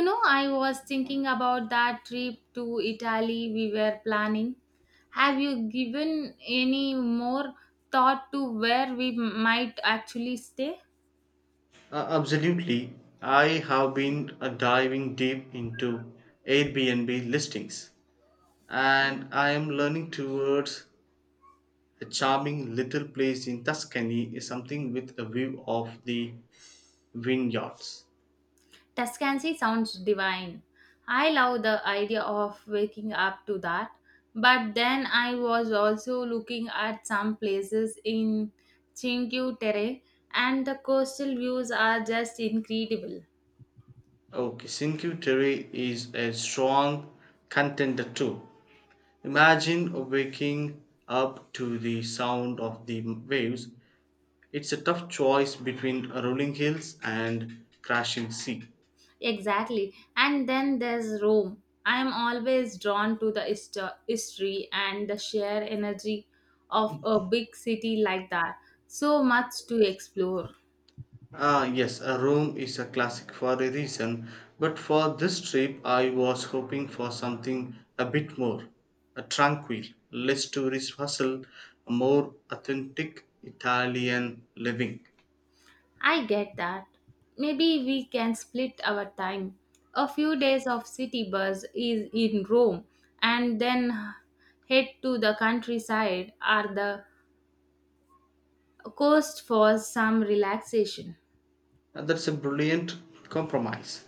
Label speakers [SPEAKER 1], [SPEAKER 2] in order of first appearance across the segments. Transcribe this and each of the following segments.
[SPEAKER 1] You know, I was thinking about that trip to Italy we were planning. Have you given any more thought to where we might actually stay?
[SPEAKER 2] Absolutely. I have been diving deep into Airbnb listings, and I am learning towards a charming little place in Tuscany, is something with a view of the vineyards.
[SPEAKER 1] Tuscany sounds divine. I love the idea of waking up to that. But then I was also looking at some places in Cinque Terre, and the coastal views are just incredible.
[SPEAKER 2] Okay, Cinque Terre is a strong contender too. Imagine waking up to the sound of the waves. It's a tough choice between rolling hills and crashing sea.
[SPEAKER 1] Exactly. And then there's Rome. I am always drawn to the history and the sheer energy of a big city like that. So much to explore.
[SPEAKER 2] Ah, yes, a Rome is a classic for a reason, but for this trip I was hoping for something a bit more tranquil, less tourist hustle, a more authentic Italian living.
[SPEAKER 1] I get that. Maybe we can split our time. A few days of city bus is in Rome, and then head to the countryside or the coast for some relaxation.
[SPEAKER 2] And that's a brilliant compromise.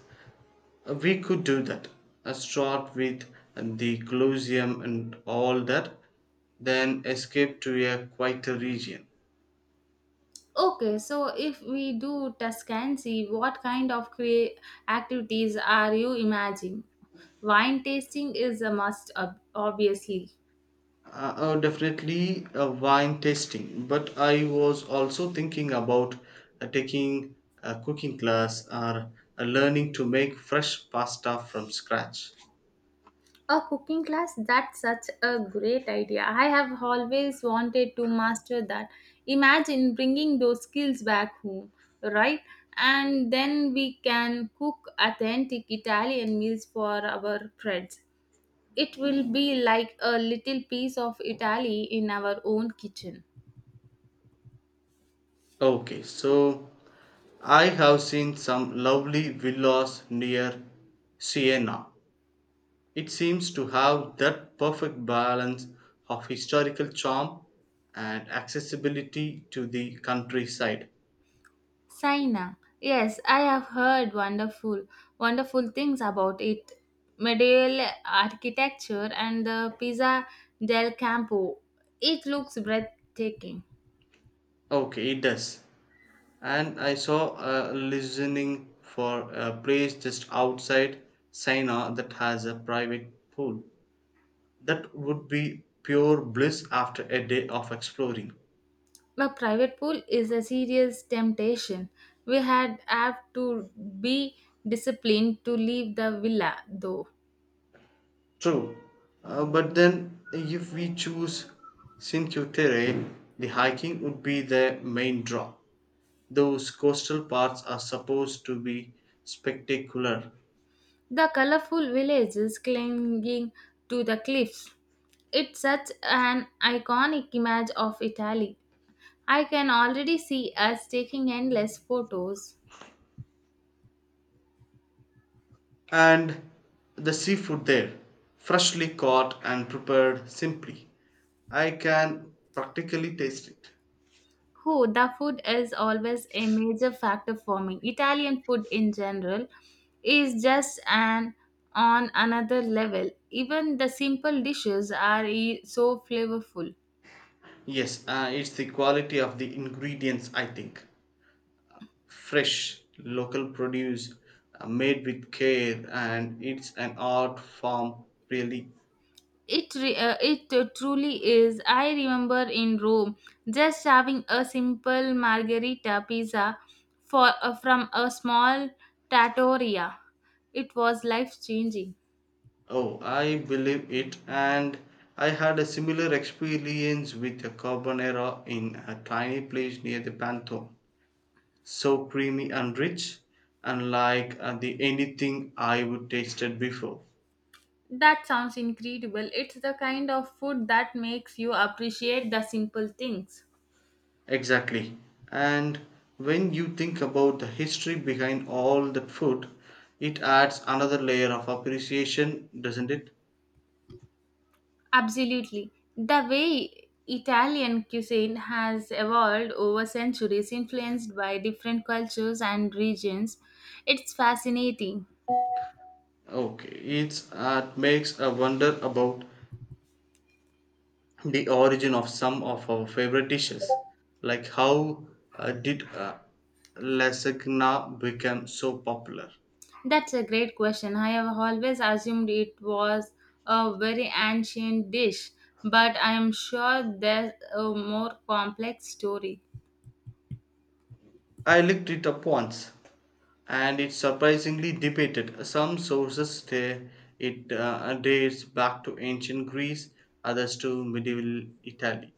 [SPEAKER 2] We could do that. Start with the Colosseum and all that, then escape to a quieter region.
[SPEAKER 1] Okay, so if we do Tuscancy, what kind of activities are you imagining? Wine tasting is a must, obviously.
[SPEAKER 2] Oh, definitely a wine tasting. But I was also thinking about taking a cooking class or learning to make fresh pasta from scratch.
[SPEAKER 1] A cooking class, that's such a great idea. I have always wanted to master that. Imagine bringing those skills back home, right? And then we can cook authentic Italian meals for our friends. It will be like a little piece of Italy in our own kitchen.
[SPEAKER 2] Okay, so I have seen some lovely villas near Siena. It seems to have that perfect balance of historical charm and accessibility to the countryside.
[SPEAKER 1] Saina. Yes, I have heard wonderful, wonderful things about it. Medieval architecture and the Pisa del Campo. It looks breathtaking.
[SPEAKER 2] Okay, it does. And I saw a listening for a place just outside Sina that has a private pool. That would be pure bliss after a day of exploring.
[SPEAKER 1] A private pool is a serious temptation. We had have to be disciplined to leave the villa, though.
[SPEAKER 2] True, but then if we choose Cinque Terre, the hiking would be the main draw. Those coastal parts are supposed to be spectacular,
[SPEAKER 1] The colorful villages clinging to the cliffs. It's such an iconic image of Italy. I can already see us taking endless photos.
[SPEAKER 2] and the seafood there, freshly caught and prepared simply, I can practically taste it.
[SPEAKER 1] Who the food is always a major factor for me. Italian food in general is just an on another level. Even the simple dishes are so flavorful.
[SPEAKER 2] Yes, it's the quality of the ingredients, I think. Fresh local produce, made with care, and it's an art form, really.
[SPEAKER 1] It truly is. I remember in Rome just having a simple margherita pizza for from a small trattoria. It was life changing.
[SPEAKER 2] Oh, I believe it. And I had a similar experience with a carbonara in a tiny place near the Pantheon. So creamy and rich, unlike the anything I would tasted before.
[SPEAKER 1] That sounds incredible. It's the kind of food that makes you appreciate the simple things.
[SPEAKER 2] Exactly. And when you think about the history behind all that food, it adds another layer of appreciation, doesn't it?
[SPEAKER 1] Absolutely. The way Italian cuisine has evolved over centuries, influenced by different cultures and regions, it's fascinating.
[SPEAKER 2] Okay, it makes a wonder about the origin of some of our favorite dishes, like how did lasagna become so popular?
[SPEAKER 1] That's a great question. I have always assumed it was a very ancient dish, but I am sure there's a more complex story.
[SPEAKER 2] I looked it up once, and it's surprisingly debated. Some sources say it dates back to ancient Greece, others to medieval Italy.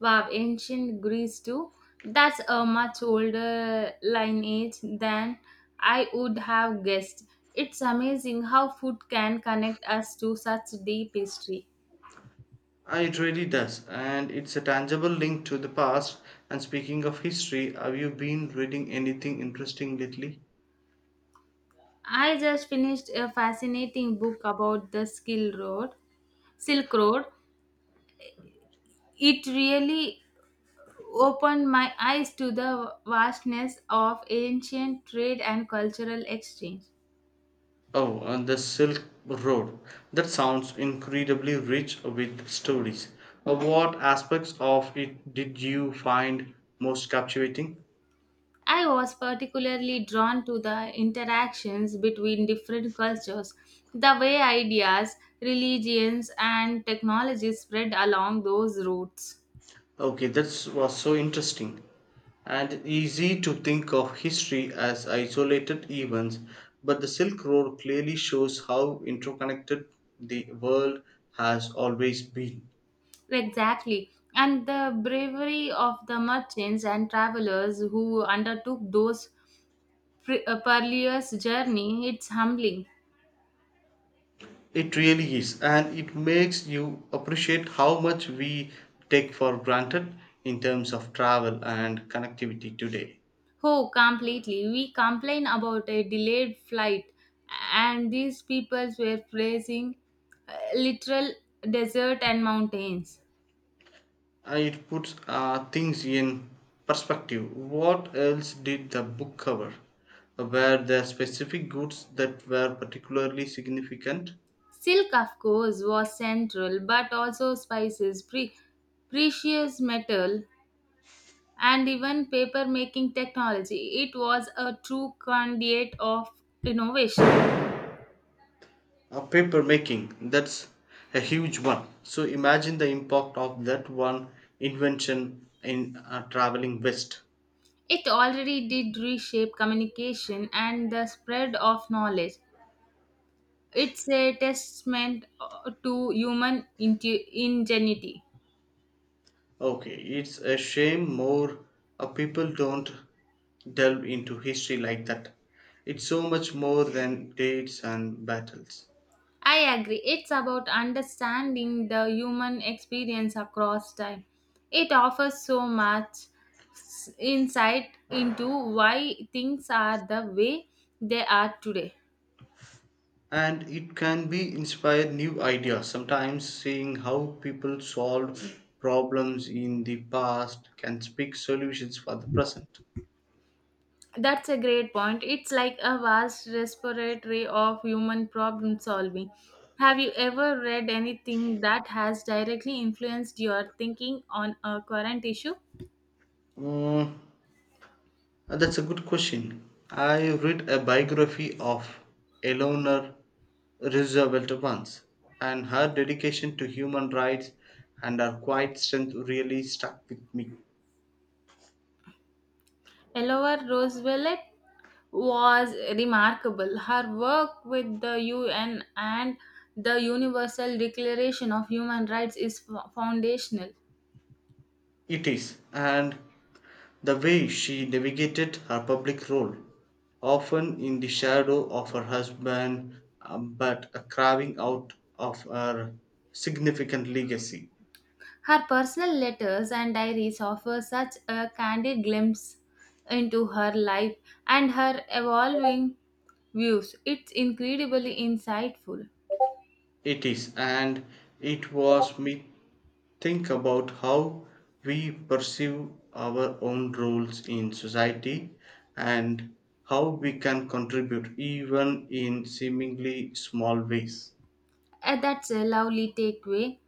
[SPEAKER 1] Wow, ancient Greece too. That's a much older lineage than I would have guessed. It's amazing how food can connect us to such deep history.
[SPEAKER 2] It really does, and it's a tangible link to the past. And speaking of history, have you been reading anything interesting lately?
[SPEAKER 1] I just finished a fascinating book about the Silk Road. It really opened my eyes to the vastness of ancient trade and cultural exchange.
[SPEAKER 2] Oh, and the Silk Road. That sounds incredibly rich with stories. What aspects of it did you find most captivating?
[SPEAKER 1] I was particularly drawn to the interactions between different cultures, the way ideas, religions, and technology spread along those routes.
[SPEAKER 2] Okay, that was so interesting and easy to think of history as isolated events, but the Silk Road clearly shows how interconnected the world has always been.
[SPEAKER 1] Exactly, and the bravery of the merchants and travelers who undertook those perilous journey, it's humbling.
[SPEAKER 2] It really is, and it makes you appreciate how much we take for granted in terms of travel and connectivity today.
[SPEAKER 1] Oh, completely. We complain about a delayed flight, and these people were praising literal desert and mountains.
[SPEAKER 2] It puts things in perspective. What else did the book cover? Were there specific goods that were particularly significant?
[SPEAKER 1] Silk, of course, was central, but also spices, precious metal, and even paper making technology. It was a true conduit of innovation.
[SPEAKER 2] Paper making, that's a huge one. So imagine the impact of that one invention in traveling west.
[SPEAKER 1] It already did reshape communication and the spread of knowledge. It's a testament to human ingenuity.
[SPEAKER 2] Okay, it's a shame more people don't delve into history like that. It's so much more than dates and battles.
[SPEAKER 1] I agree. It's about understanding the human experience across time. It offers so much insight into why things are the way they are today.
[SPEAKER 2] And it can be inspire new ideas. Sometimes seeing how people solved problems in the past can speak solutions for the present.
[SPEAKER 1] That's a great point. It's like a vast repository of human problem solving. Have you ever read anything that has directly influenced your thinking on a current issue?
[SPEAKER 2] Mm, that's a good question. I read a biography of Eleanor Roosevelt once, and her dedication to human rights and her quiet strength really stuck with me.
[SPEAKER 1] Eleanor Roosevelt was remarkable. Her work with the UN and the Universal Declaration of Human Rights is foundational.
[SPEAKER 2] It is. And the way she navigated her public role, often in the shadow of her husband, but a carving out of her significant legacy,
[SPEAKER 1] Her personal letters and diaries offer such a candid glimpse into her life and her evolving views. It's incredibly insightful.
[SPEAKER 2] it is, and it was me think about how we perceive our own roles in society and how we can contribute even in seemingly small ways.
[SPEAKER 1] That's a lovely takeaway.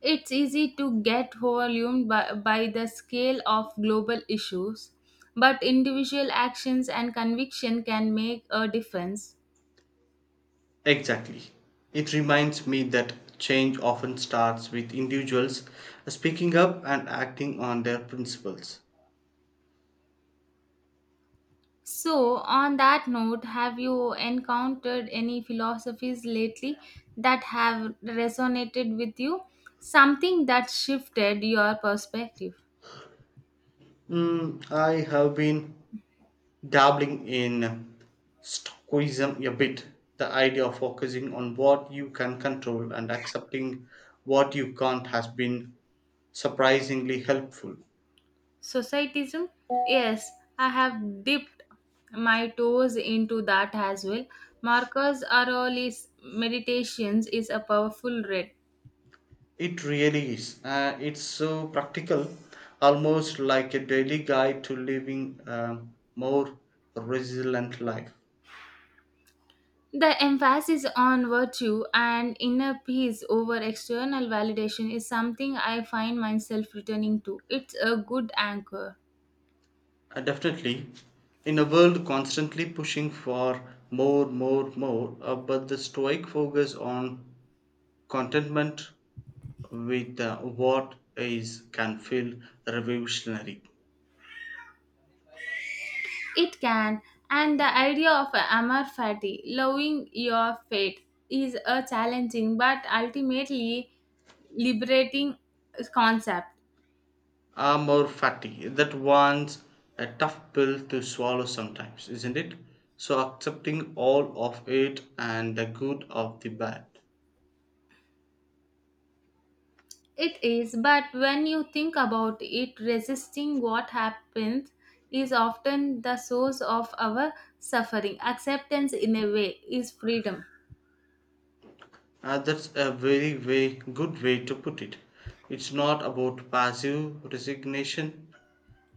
[SPEAKER 1] It's easy to get overwhelmed by the scale of global issues, but individual actions and conviction can make a difference.
[SPEAKER 2] Exactly. It reminds me that change often starts with individuals speaking up and acting on their principles.
[SPEAKER 1] So, on that note, have you encountered any philosophies lately that have resonated with you? Something that shifted your perspective?
[SPEAKER 2] I have been dabbling in stoicism a bit, the idea of focusing on what you can control and accepting what you can't has been surprisingly helpful.
[SPEAKER 1] Societism? Yes, I have dipped my toes into that as well. Marcus Aurelius Meditations is a powerful read.
[SPEAKER 2] It really is. It's so practical, almost like a daily guide to living a more resilient life.
[SPEAKER 1] The emphasis on virtue and inner peace over external validation is something I find myself returning to. It's a good anchor.
[SPEAKER 2] Definitely, in a world constantly pushing for more, more, more, but the Stoic focus on contentment with what is can feel revolutionary.
[SPEAKER 1] It can, and the idea of amor fati, loving your fate, is a challenging but ultimately liberating concept.
[SPEAKER 2] Are more fatty. That one's a tough pill to swallow sometimes, isn't it? So accepting all of it and the good of the bad.
[SPEAKER 1] It is, but when you think about it, resisting what happens is often the source of our suffering. Acceptance, in a way, is freedom.
[SPEAKER 2] That's a very way, good way to put it. It's not about passive resignation,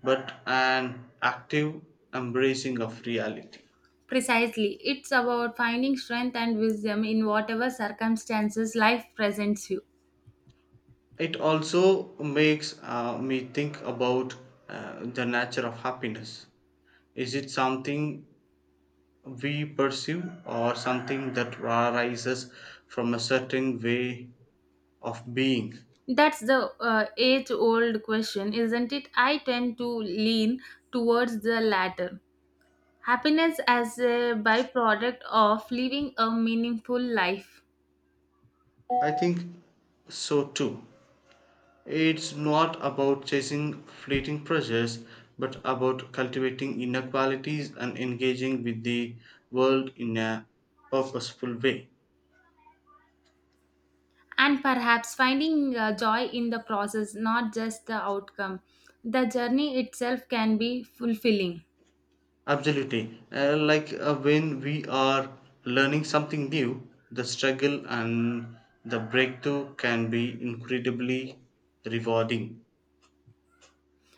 [SPEAKER 2] but an active embracing of reality.
[SPEAKER 1] Precisely. It's about finding strength and wisdom in whatever circumstances life presents you.
[SPEAKER 2] It also makes me think about the nature of happiness. Is it something we pursue or something that arises from a certain way of being?
[SPEAKER 1] That's the age old question, isn't it? I tend to lean towards the latter. Happiness as a byproduct of living a meaningful life.
[SPEAKER 2] I think so too. It's not about chasing fleeting pleasures, but about cultivating inner qualities and engaging with the world in a purposeful way.
[SPEAKER 1] And perhaps finding joy in the process, not just the outcome. The journey itself can be fulfilling.
[SPEAKER 2] Absolutely. Like when we are learning something new, the struggle and the breakthrough can be incredibly rewarding.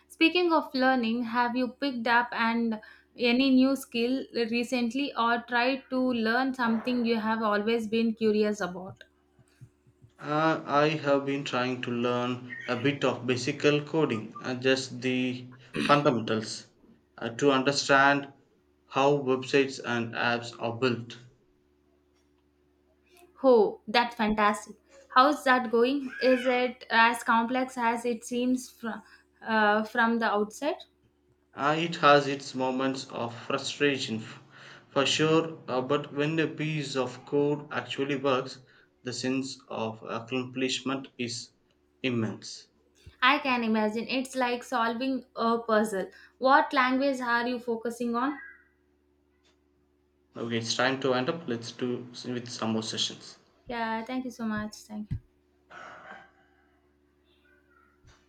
[SPEAKER 1] Speaking of learning, have you picked up and any new skill recently or tried to learn something you have always been curious about?
[SPEAKER 2] I have been trying to learn a bit of basic coding and just the fundamentals to understand how websites and apps are built.
[SPEAKER 1] Oh, that's fantastic. How's that going? Is it as complex as it seems from the outset?
[SPEAKER 2] It has its moments of frustration for sure, but when a piece of code actually works, the sense of accomplishment is immense.
[SPEAKER 1] I can imagine. It's like solving a puzzle. What language are you focusing on?
[SPEAKER 2] Okay, it's time to end up. Let's do with some more sessions.
[SPEAKER 1] Yeah, thank you so much. Thank you.